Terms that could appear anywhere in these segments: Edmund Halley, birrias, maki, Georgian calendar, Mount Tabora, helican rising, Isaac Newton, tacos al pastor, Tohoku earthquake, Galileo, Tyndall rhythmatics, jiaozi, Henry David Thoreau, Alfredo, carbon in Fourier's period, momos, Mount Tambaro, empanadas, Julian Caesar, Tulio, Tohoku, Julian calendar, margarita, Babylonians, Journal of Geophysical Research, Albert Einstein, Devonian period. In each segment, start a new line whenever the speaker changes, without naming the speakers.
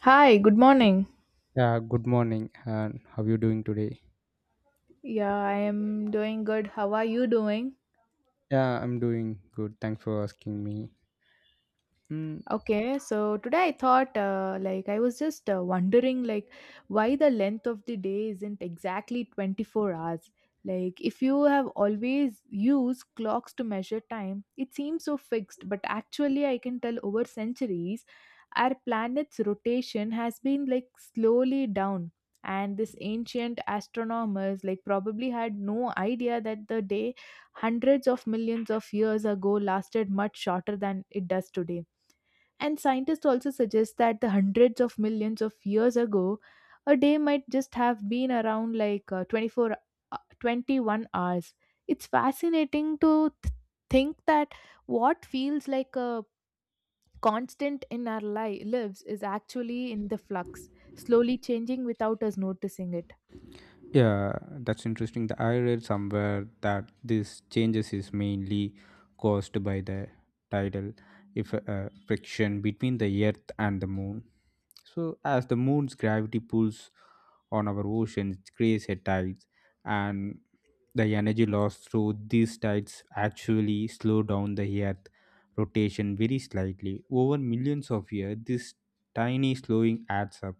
Hi, good morning.
Yeah, good morning. And how you doing today?
Yeah, I am doing good. How are you doing?
Yeah, I'm doing good. Thanks for asking me. Mm,
Okay, so today I thought, I was just wondering, why the length of the day isn't exactly 24 hours. Like, if you have always used clocks to measure time, it seems so fixed, but actually, I can tell over centuries, our planet's rotation has been like slowly down. And this ancient astronomers, like, probably had no idea that the day hundreds of millions of years ago lasted much shorter than it does today, and scientists also suggest that the hundreds of millions of years ago, a day might just have been around like 21 hours. It's fascinating to think that what feels like a constant in our lives is actually in the flux, slowly changing without us noticing it.
yeah, that's interesting. I read somewhere that this changes is mainly caused by the tidal if friction between the Earth and the Moon. So, as the Moon's gravity pulls on our oceans, it creates a tide, and the energy lost through these tides actually slow down the Earth rotation very slightly. Over millions of years, this tiny slowing adds up.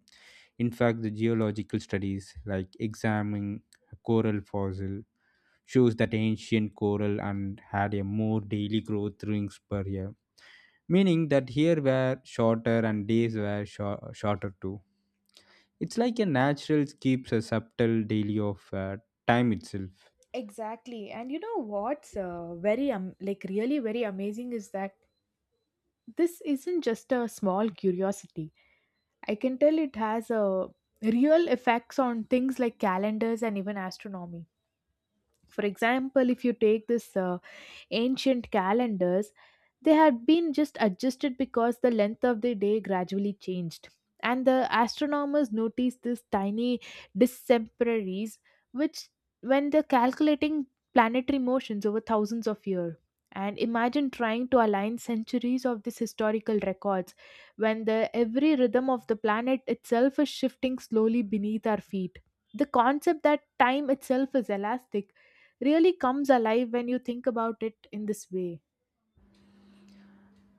In fact, the geological studies like examining coral fossil shows that ancient coral and had a more daily growth rings per year, meaning that here were shorter and days were shorter too. It's like a natural keeps a subtle daily of time itself.
Exactly. And you know what's very like really very amazing is that this isn't just a small curiosity. I can tell it has a real effects on things like calendars and even astronomy. For example, if you take this ancient calendars, they had been just adjusted because the length of the day gradually changed. And the astronomers noticed these tiny distemperies, which, when they're calculating planetary motions over thousands of years, and imagine trying to align centuries of these historical records when the every rhythm of the planet itself is shifting slowly beneath our feet, the concept that time itself is elastic really comes alive when you think about it in this way.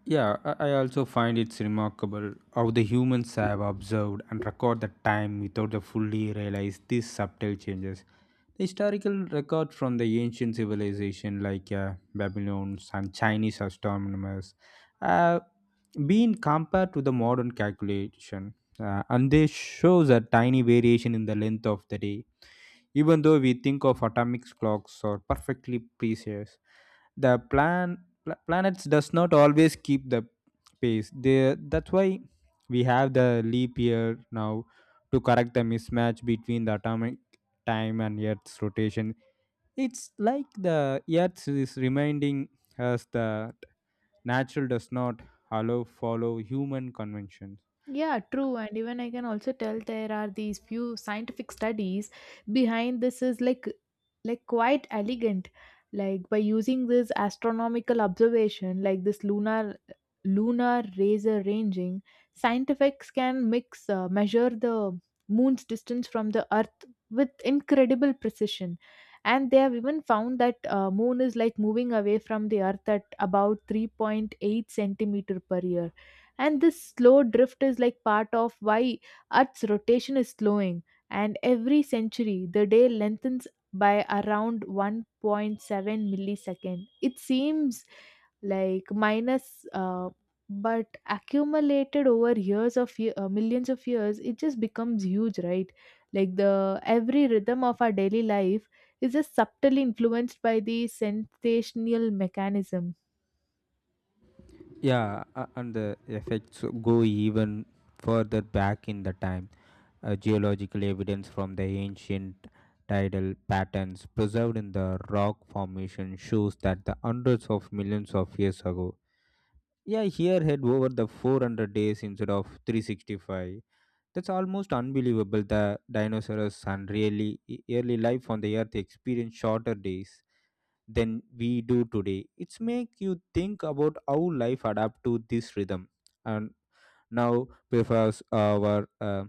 Yeah, I also find it's remarkable how the humans have observed and record the time without the fully realize these subtle changes. The historical record from the ancient civilization like Babylonians and Chinese astronomers have been compared to the modern calculation, and they shows a tiny variation in the length of the day. Even though we think of atomic clocks are perfectly precise, the planets does not always keep the pace they, that's why we have the leap year now to correct the mismatch between the atomic time and earth's rotation. It's like the earth is reminding us that natural does not allow follow human conventions.
Yeah, true. And even I can also tell there are these few scientific studies behind this is like quite elegant. Like by using this astronomical observation, like this lunar laser ranging, scientists can mix measure the moon's distance from the earth with incredible precision. And they have even found that moon is like moving away from the earth at about 3.8 centimeter per year, and this slow drift is like part of why Earth's rotation is slowing. And every century, the day lengthens by around 1.7 millisecond. It seems like minus, but accumulated over millions of years, it just becomes huge, right? Like the every rhythm of our daily life is just subtly influenced by the sensational mechanism.
Yeah, and the effects go even further back in the time. Geological evidence from the ancient tidal patterns preserved in the rock formation shows that the hundreds of millions of years ago. Yeah, here had over the 400 days instead of 365. That's almost unbelievable. The dinosaurs and really early life on the earth experienced shorter days than we do today. It's make you think about how life adapt to this rhythm, and now prefers our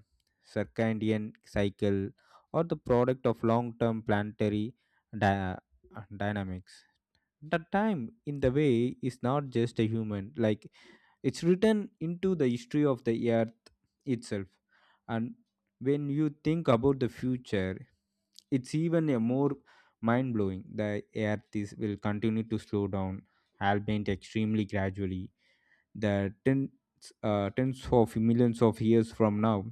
circadian cycle or the product of long-term planetary dy- dynamics. The time in the way is not just a human, like it's written into the history of the earth itself. And when you think about the future, it's even a more mind blowing. The earth is, will continue to slow down, albeit extremely gradually, that tens of millions of years from now,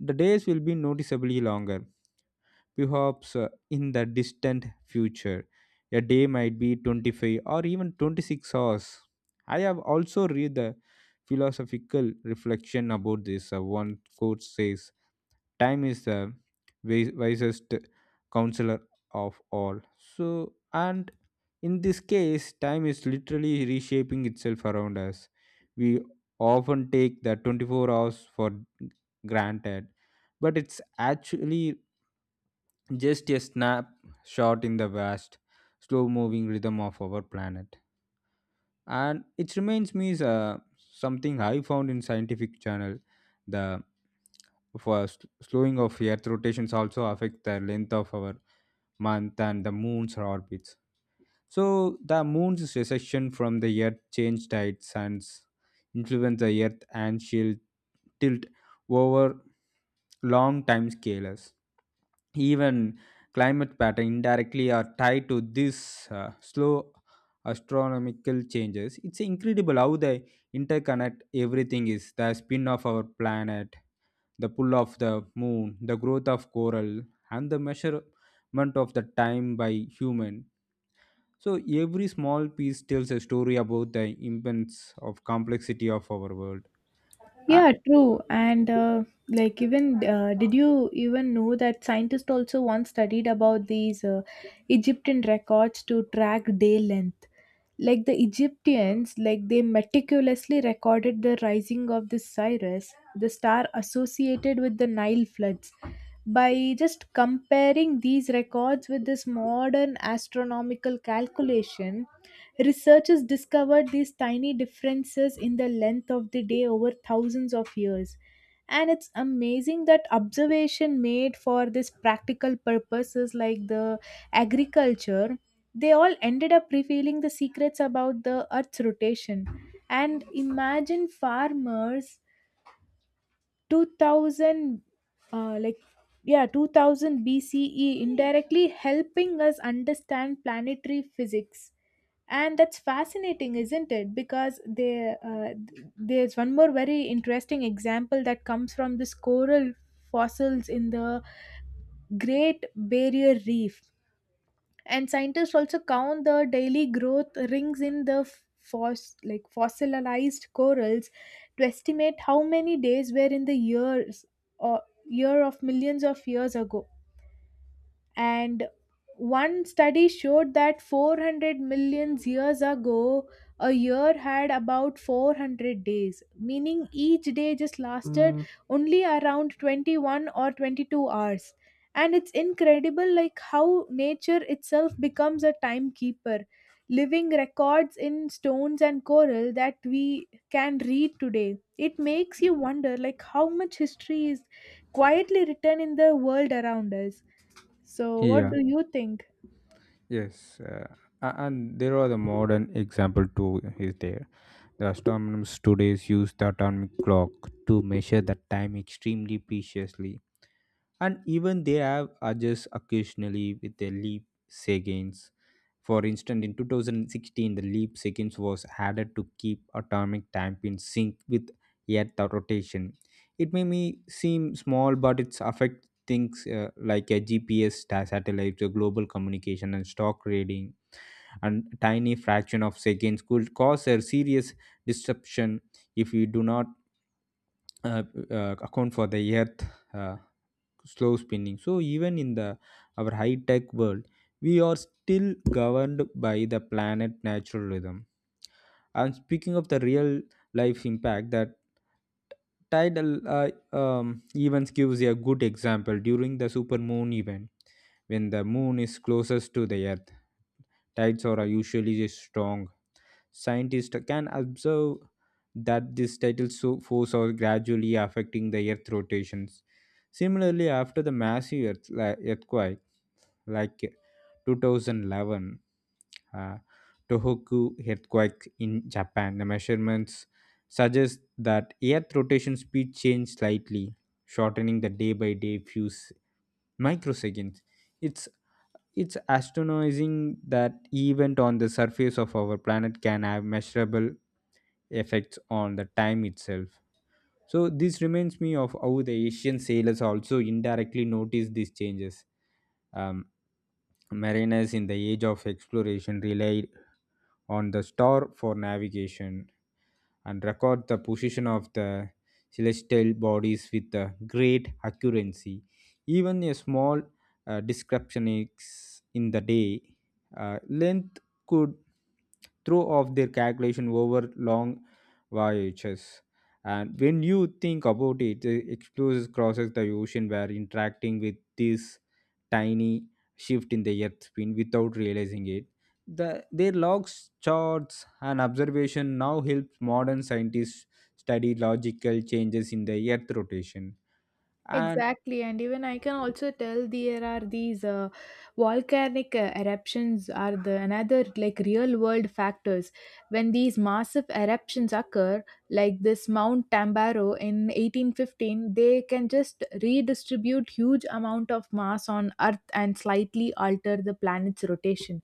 the days will be noticeably longer. Perhaps in the distant future, a day might be 25 or even 26 hours. I have also read the philosophical reflection about this. One quote says, time is the wisest counselor of all. So, and in this case, time is literally reshaping itself around us. We often take the 24 hours for granted, but it's actually just a snapshot in the vast slow moving rhythm of our planet. And it reminds me is something I found in scientific journal, the slowing of earth rotations also affect the length of our month and the moon's orbits. So the moon's recession from the Earth changed its suns, influence the Earth and she'll tilt over long time scales. Even climate pattern indirectly are tied to this slow astronomical changes. It's incredible how they interconnect everything is the spin of our planet, the pull of the moon, the growth of coral, and the measurement of the time by human. So every small piece tells a story about the immense of complexity of our world. Uh,
Yeah, true. And like, even did you even know that scientists also once studied about these Egyptian records to track day length? Like the Egyptians, like they meticulously recorded the rising of this Cyrus, the star associated with the Nile floods, by just comparing these records with this modern astronomical calculation, researchers discovered these tiny differences in the length of the day over thousands of years. And it's amazing that observation made for this practical purposes like the agriculture, they all ended up revealing the secrets about the earth's rotation. And imagine farmers 2000 uh, like yeah 2000 bce indirectly helping us understand planetary physics. And that's fascinating, isn't it? Because they, there's one more very interesting example that comes from this coral fossils in the Great Barrier Reef. And scientists also count the daily growth rings in the fossilized corals to estimate how many days were in the years or year of millions of years ago. And one study showed that 400 million years ago, a year had about 400 days, meaning each day just lasted only around 21 or 22 hours. And it's incredible like how nature itself becomes a timekeeper, living records in stones and coral that we can read today. It makes you wonder like how much history is quietly written in the world around us. So, what
yeah,
do you think?
yes, and there are the modern example too. Is there? The astronomers today use the atomic clock to measure the time extremely preciously, and even they have adjust occasionally with a leap seconds. For instance, in 2016, the leap seconds was added to keep atomic time in sync with Earth rotation. It may me seem small, but it's affect things like a GPS satellite, a global communication, and stock trading. And tiny fraction of seconds could cause a serious disruption if we do not uh, account for the earth uh, slow spinning. So even in the our high tech world, we are still governed by the planet natural rhythm. And speaking of the real life impact, that tidal events gives a good example during the supermoon event. When the moon is closest to the earth, tides are usually strong. Scientists can observe that this tidal force are gradually affecting the Earth rotations. Similarly, after the massive earthquake, like 2011 uh, Tohoku earthquake in Japan, the measurements suggest that Earth rotation speed changed slightly, shortening the day by day few microseconds. it's it's astonishing that event on the surface of our planet can have measurable effects on the time itself. So this reminds me of how the asian sailors also indirectly noticed these changes. um, Mariners in the age of exploration relied on the star for navigation and record the position of the celestial bodies with great accuracy. Even a small description in the day length could throw off their calculation over long voyages. And when you think about it, the explorers crosses the ocean were interacting with this tiny shift in the Earth's spin without realizing it, their logs, charts, and observation now helps modern scientists study logical changes in the Earth rotation. And
Exactly, and even I can also tell there are these volcanic eruptions are the another like real world factors. When these massive eruptions occur, like this Mount Tambaro in 1815, they can just redistribute huge amount of mass on Earth and slightly alter the planet's rotation.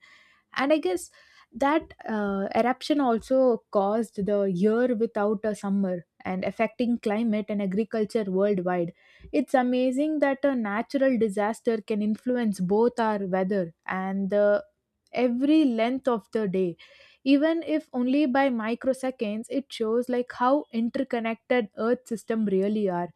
And I guess that eruption also caused the year without a summer and affecting climate and agriculture worldwide. It's amazing that a natural disaster can influence both our weather and the every length of the day, even if only by microseconds. It shows like how interconnected earth system really are.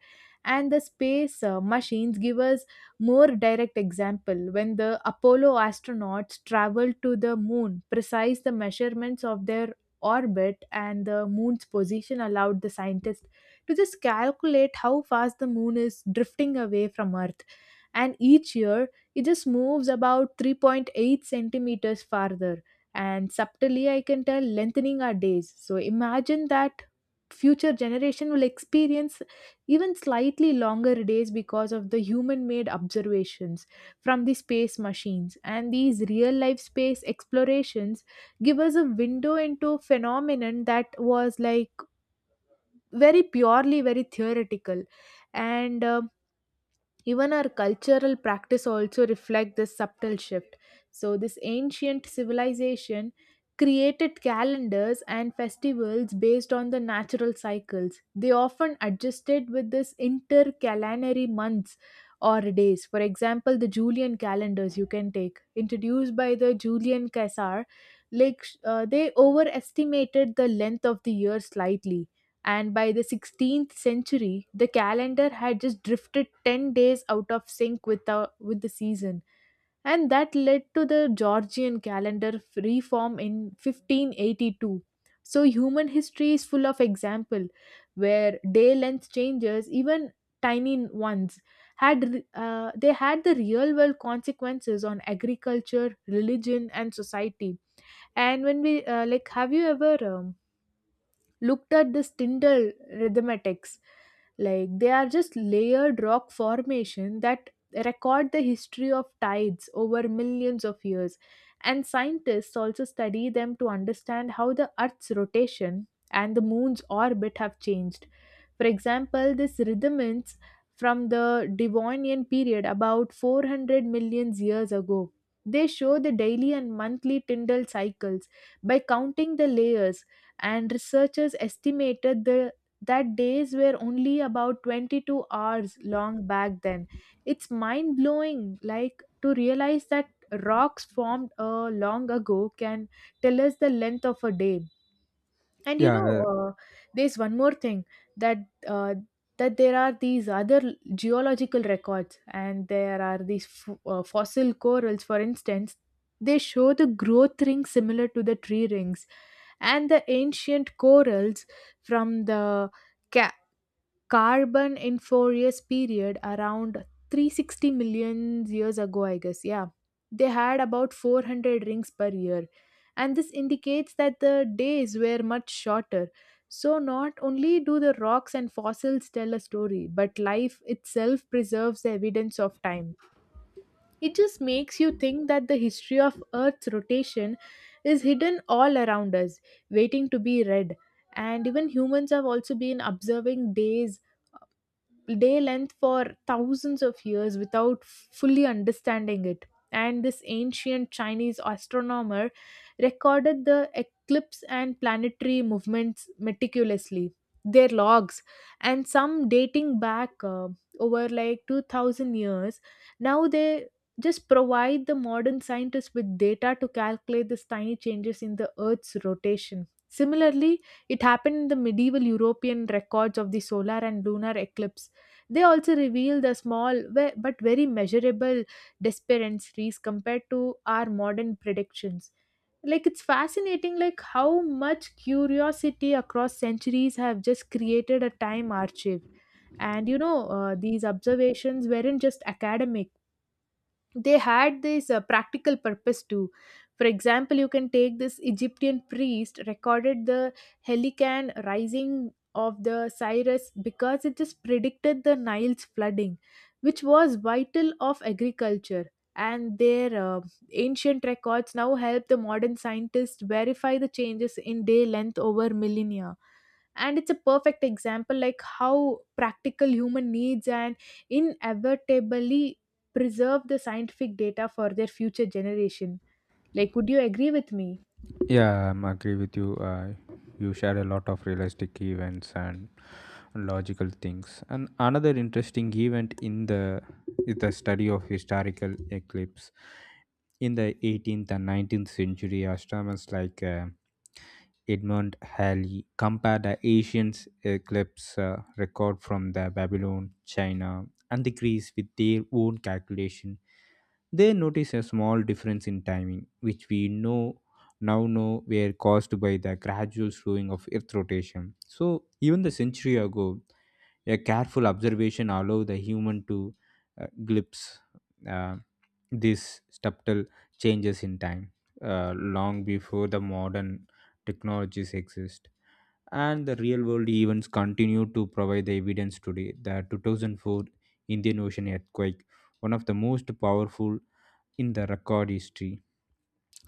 And the space machines give us more direct example. When the Apollo astronauts traveled to the moon, precise the measurements of their orbit and the moon's position allowed the scientists to just calculate how fast the moon is drifting away from earth. And each year it just moves about 3.8 centimeters farther, and subtly I can tell lengthening our days. So imagine that future generation will experience even slightly longer days because of the human made observations from the space machines. And these real life space explorations give us a window into a phenomenon that was like very purely very theoretical. And even our cultural practice also reflect this subtle shift. So this ancient civilization created calendars and festivals based on the natural cycles. They often adjusted with this intercalary months or days. For example, the Julian calendars you can take introduced by the Julian Caesar, like they overestimated the length of the year slightly, and by the 16th century the calendar had just drifted 10 days out of sync with the season, and that led to the Georgian calendar reform in 1582. So human history is full of example where day length changes, even tiny ones, had had the real world consequences on agriculture, religion and society. And when we have you ever looked at this Tyndall rhythmatics. Like they are just layered rock formation that record the history of tides over millions of years. And scientists also study them to understand how the Earth's rotation and the moon's orbit have changed. For example, this rudiments from the Devonian period about 400 million years ago. They show the daily and monthly Tyndall cycles by counting the layers, and researchers estimated the, that days were only about 22 hours long back then. It's mind blowing, like to realize that rocks formed long ago can tell us the length of a day. And you know,
yeah, uh,
there's one more thing that uh, that there are these other geological records, and there are these fossil corals for instance. They show the growth rings similar to the tree rings. And the ancient corals from the carbon in Fourier's period around 360 million years ago, I guess. Yeah. They had about 400 rings per year. And this indicates that the days were much shorter. So, not only do the rocks and fossils tell a story, but life itself preserves the evidence of time. It just makes you think that the history of Earth's rotation is hidden all around us, waiting to be read. And even humans have also been observing day length for thousands of years without fully understanding it. And this ancient Chinese astronomer recorded the eclipse and planetary movements meticulously. Their logs, and some dating back over like 2000 years, now they just provide the modern scientists with data to calculate these tiny changes in the Earth's rotation. Similarly, it happened in the medieval European records of the solar and lunar eclipse, they also reveal the small but very measurable disparities compared to our modern predictions. Like it's fascinating like how much curiosity across centuries have just created a time archive. And you know, these observations weren't just academic, they had this practical purpose too. For example, you can take this Egyptian priest recorded the helican rising of the cyrus because it just predicted the Nile's flooding, which was vital of agriculture. And their ancient records now help the modern scientists verify the changes in day length over millennia. And it's a perfect example like how practical human needs and inevitably preserve the scientific data for their future generation. Like would you agree with me?
yeah, I agree with you. You share a lot of realistic events and logical things. And another interesting event in the is the study of historical eclipse in the 18th and 19th century astronomers like Edmund Halley compared the Asian eclipse record from the Babylon, China, and the Greece with their own calculation. They noticed a small difference in timing, which we know now know were caused by the gradual slowing of Earth rotation. So even the century ago, a careful observation allows the human to glimpse uh, these subtle changes in time, long before the modern technologies exist. And the real world events continue to provide the evidence today. The 2004 Indian Ocean earthquake, one of the most powerful in the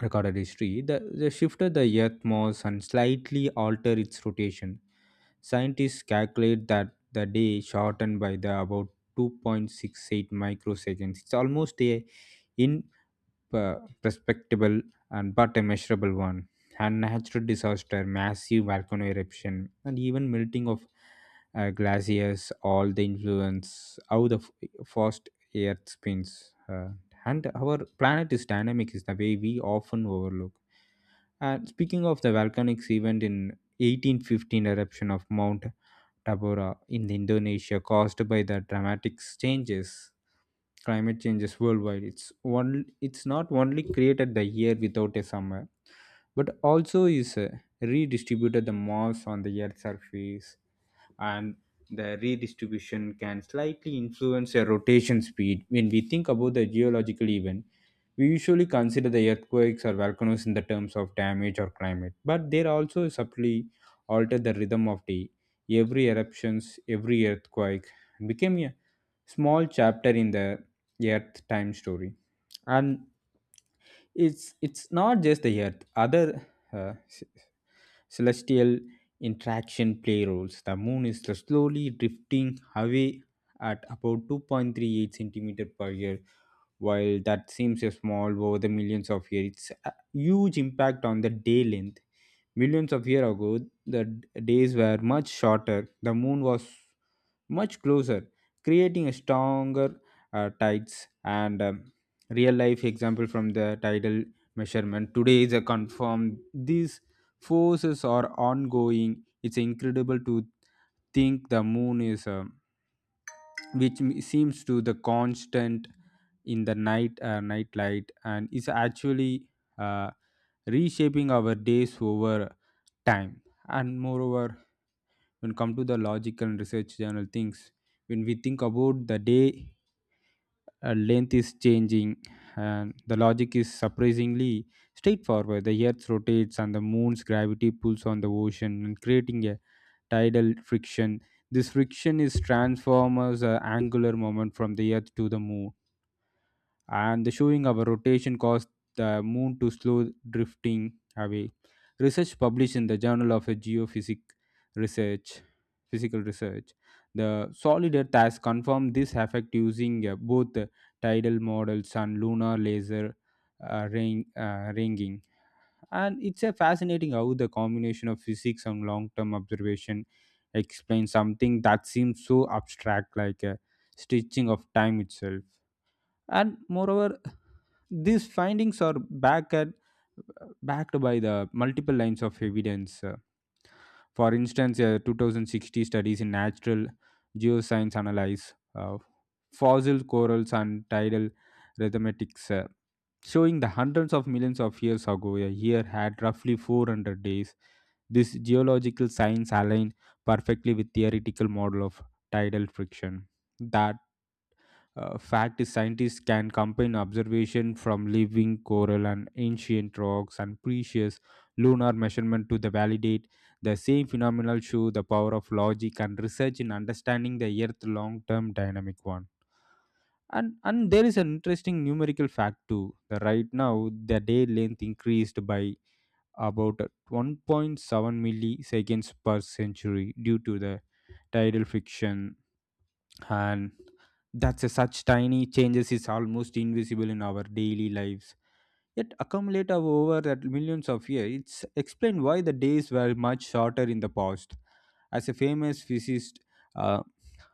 recorded history, they shifted the Earth mass and slightly altered its rotation. Scientists calculate that the day shortened by the about 2.68 microseconds. It's almost a in uh, respectable and but a measurable one. And natural disaster, massive volcano eruption, and even melting of glaciers, all the influence how the fast Earth spins. And our planet is dynamic is the way we often overlook. And speaking of the volcanic event in 1815 eruption of Mount Tabora in Indonesia caused by the dramatic changes climate changes worldwide. It's one, it's not only created the year without a summer, but also is redistributed the mass on the earth's surface, and the redistribution can slightly influence a rotation speed. When we think about the geological event, we usually consider the earthquakes or volcanoes in the terms of damage or climate, but they also subtly alter the rhythm of day. Every eruptions, every earthquake became a small chapter in the earth time story. And it's not just the earth, other uh, celestial interaction play roles. The moon is slowly drifting away at about 2.38 centimeter per year. While that seems small over the millions of years, it's a huge impact on the day length. Millions of years ago, the days were much shorter. The moon was much closer, creating a stronger tides. And real life example from the tidal measurement today is a confirmed this forces are ongoing. It's incredible to think the moon is, which seems to the constant in the night light, and is actually uh, reshaping our days over time. And moreover, when come to the logical and research journal things, when we think about the day length is changing, and the logic is surprisingly straightforward. The earth rotates and the moon's gravity pulls on the ocean and creating a tidal friction. This friction is transforms a angular moment from the earth to the moon, and the showing of a rotation caused the moon to slow drifting away. Research published in the Journal of Research, Physical Research, the solid Earth has confirmed this effect using both tidal models and lunar laser ringing. And it's a fascinating how the combination of physics and long-term observation explains something that seems so abstract, like a stitching of time itself. And moreover, these findings are backed backed by the multiple lines of evidence. For instance, a 2060 studies in natural geoscience analyze fossil corals and tidal rhythmatics, showing the hundreds of millions of years ago a year had roughly 400 days. This geological science align perfectly with theoretical model of tidal friction. That Fact is, scientists can combine observation from living coral and ancient rocks and precious lunar measurement to the validate the same phenomenal show the power of logic and research in understanding the Earth long-term dynamic one. And there is an interesting numerical fact too. The right now the day length increased by about 1.7 milliseconds per century due to the tidal friction, and that's a such tiny changes is almost invisible in our daily lives yet accumulate over that millions of years. It's explained why the days were much shorter in the past. As a famous physicist, uh,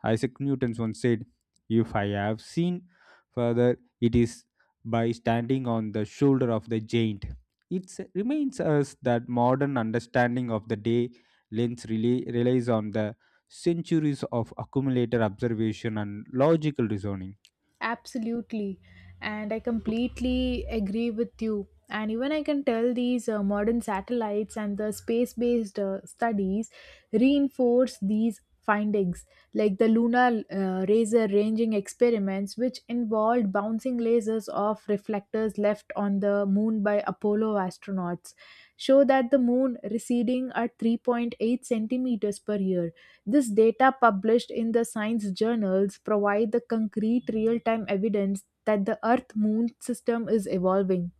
Isaac Newton once said, "If I have seen further, it is by standing on the shoulder of the giant." It remains us that modern understanding of the day lens relies on the centuries of accumulated observation and logical reasoning.
Absolutely. And I completely agree with you. And even I can tell these modern satellites and the space based studies reinforce these findings, like the lunar laser ranging experiments, which involved bouncing lasers off reflectors left on the moon by Apollo astronauts, show that the moon receding at 3.8 centimeters per year. This data published in the science journals provide the concrete real-time evidence that the earth moon system is evolving.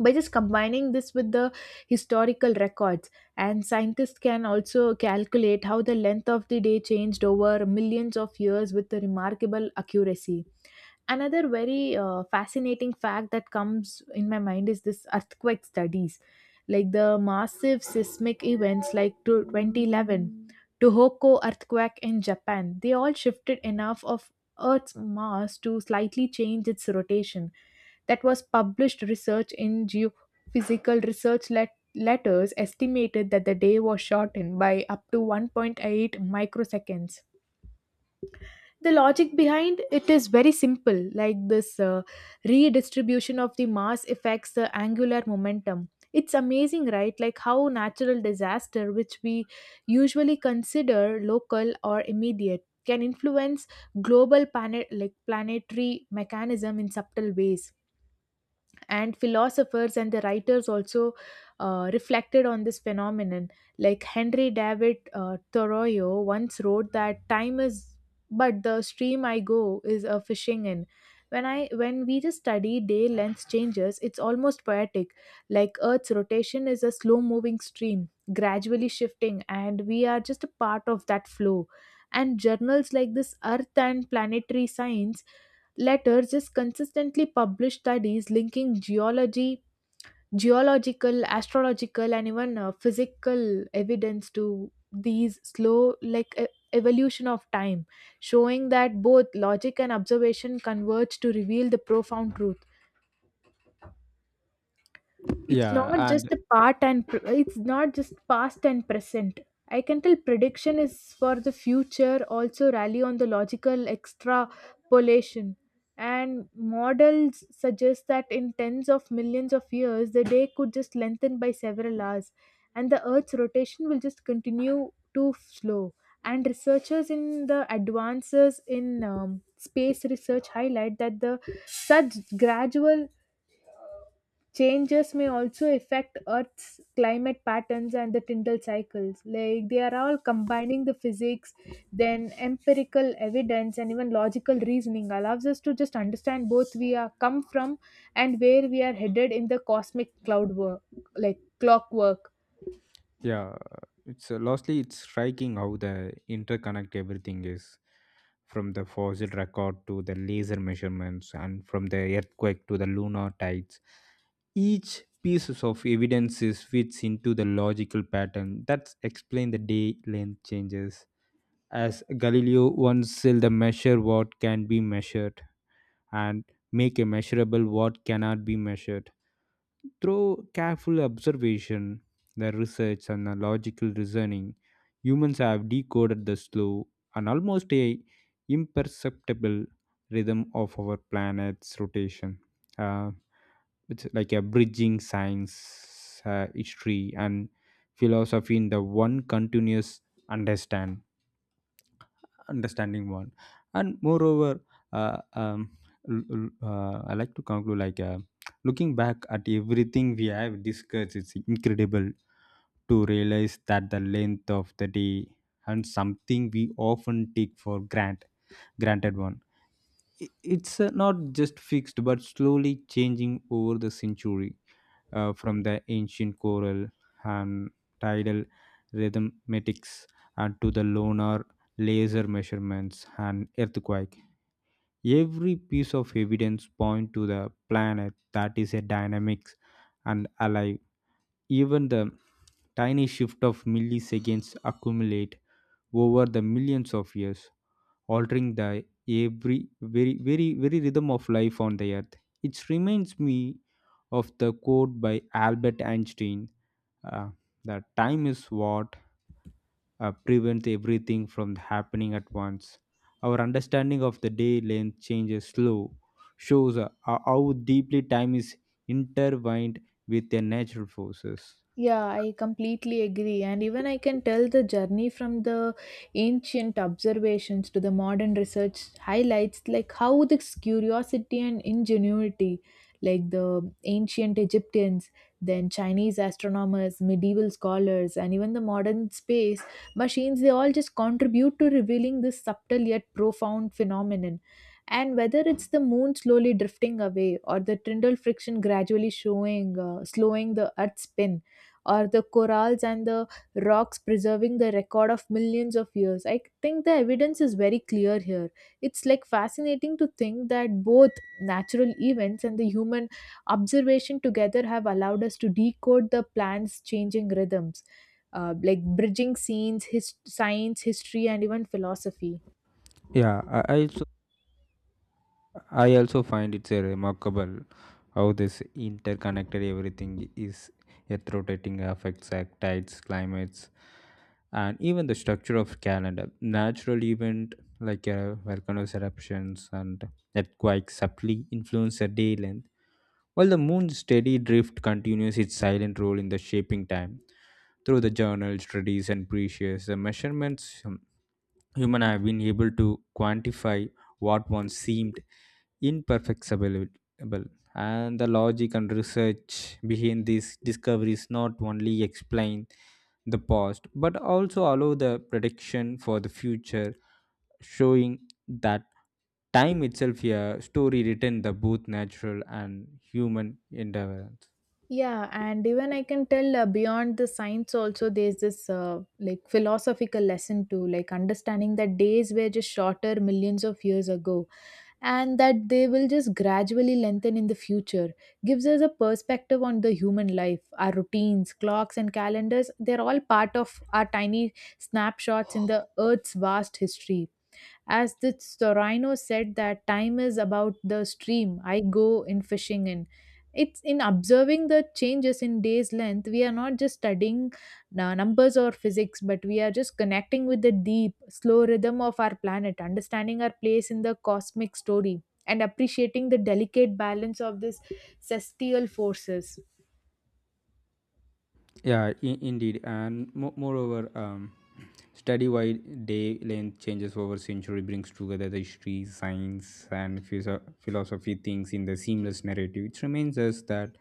By just combining this with the historical records and scientists can also calculate how the length of the day changed over millions of years with a remarkable accuracy. Another very fascinating fact that comes in my mind is this earthquake studies, like the massive seismic events like to 2011 Tohoku earthquake in Japan. They all shifted enough of Earth's mass to slightly change its rotation. That was published research in Geophysical Research Letters, estimated that the day was shortened by up to 1.8 microseconds. The logic behind it is very simple, like this redistribution of the mass affects the angular momentum. It's amazing, right, like how natural disaster which we usually consider local or immediate can influence global planet like planetary mechanism in subtle ways. And philosophers and the writers also reflected on this phenomenon. Like Henry David Thoreau once wrote that time is but the stream I go is a fishing in. When we just study day length changes, it's almost poetic. Like Earth's rotation is a slow moving stream, gradually shifting, and we are just a part of that flow. And journals like this Earth and Planetary Science Later just consistently published studies linking geology, geological, astrological, and even physical evidence to these slow, like evolution of time, showing that both logic and observation converge to reveal the profound truth. It's
Yeah,
not
and
just a it's not just past and present. I can tell prediction is for the future, also rally on the logical extrapolation. And models suggest that in tens of millions of years, the day could just lengthen by several hours, and the Earth's rotation will just continue too slow. And researchers in the advances in space research highlight that the such gradual changes may also affect Earth's climate patterns and the tidal cycles. Like they are all combining the physics, then empirical evidence, and even logical reasoning allows us to just understand both we are come from and where we are headed in the cosmic cloud work, like clockwork.
yeah, it's lastly it's striking how the interconnect everything is from the fossil record to the laser measurements and from the earthquake to the lunar tides. Each pieces of evidences fits into the logical pattern that explain the day length changes. As Galileo once said, the measure what can be measured and make a measurable what cannot be measured through careful observation, the research, and the logical reasoning, humans have decoded the slow and almost a imperceptible rhythm of our planet's rotation. Uh, it's like a bridging science, history, and philosophy in the one continuous understand understanding one. And moreover uh, um, I like to conclude like looking back at everything we have discussed it's incredible to realize that the length of the day and something we often take for granted one. It's not just fixed but slowly changing over the century. From the ancient choral and tidal rhythmatics and to the lunar laser measurements and earthquake, every piece of evidence point to the planet that is a dynamics and alive. Even the tiny shift of milliseconds accumulate over the millions of years, altering the every very very very rhythm of life on the earth. It reminds me of the quote by Albert Einstein, uh, that time is what prevents everything from happening at once. Our understanding of the day length changes slow, shows how deeply time is intertwined with their natural forces.
Yeah, I completely agree. And even I can tell the journey from the ancient observations to the modern research highlights like how this curiosity and ingenuity, like the ancient Egyptians, then Chinese astronomers, medieval scholars, and even the modern space machines, they all just contribute to revealing this subtle yet profound phenomenon. And whether it's the moon slowly drifting away or the Tyndall friction gradually showing, slowing the Earth's spin, or the corals and the rocks preserving the record of millions of years. I think the evidence is very clear here. It's like fascinating to think that both natural events and the human observation together have allowed us to decode the plant's changing rhythms, like bridging science, history, and even philosophy.
Yeah, I also I also find it's a remarkable how this interconnected everything is, yet rotating affects like tides, climates, and even the structure of calendar. Natural event like volcanoes eruptions and earthquakes subtly influence the day length, while the moon's steady drift continues its silent role in the shaping time. Through the journal studies and precious the measurements human have been able to quantify what once seemed imperfectible, and the logic and research behind these discoveries not only explain the past but also allow the prediction for the future, showing that time itself a story written the both natural and human endeavor.
Yeah, and even I can tell beyond the science also, there's this like philosophical lesson too, like understanding that days were just shorter millions of years ago and that they will just gradually lengthen in the future gives us a perspective on the human life. Our routines, clocks, and calendars, they're all part of our tiny snapshots in the earth's vast history. As the Storino said that time is about the stream I go in fishing in. It's in observing the changes in day's length, we are not just studying numbers or physics, but we are just connecting with the deep, slow rhythm of our planet, understanding our place in the cosmic story, and appreciating the delicate balance of this celestial forces.
Yeah, indeed, and moreover, study-wide day-length changes over century brings together the history, science, and philosophy things in the seamless narrative, which reminds us that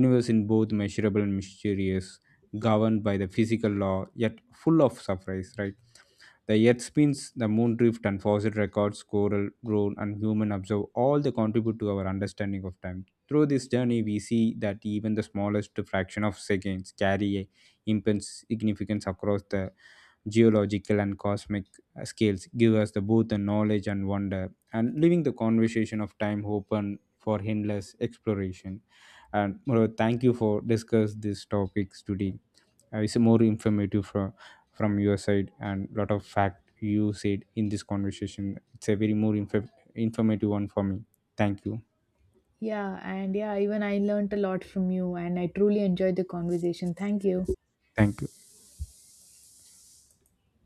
universe in both measurable and mysterious, governed by the physical law, yet full of surprise. Right, the Earth spins, the moon drift, and fossil records, coral, drone, and human observe, all they contribute to our understanding of time. Through this journey, we see that even the smallest fraction of seconds carry a immense significance across the geological and cosmic scales, give us the both the knowledge and wonder, and leaving the conversation of time open for endless exploration. And Moro, thank you for discuss these topics today. It's more informative from your side and lot of fact you said in this conversation. It's a very more informative one for me. Thank you.
Yeah, and yeah, even I learnt a lot from you, and I truly enjoyed the conversation. Thank you.
Thank you.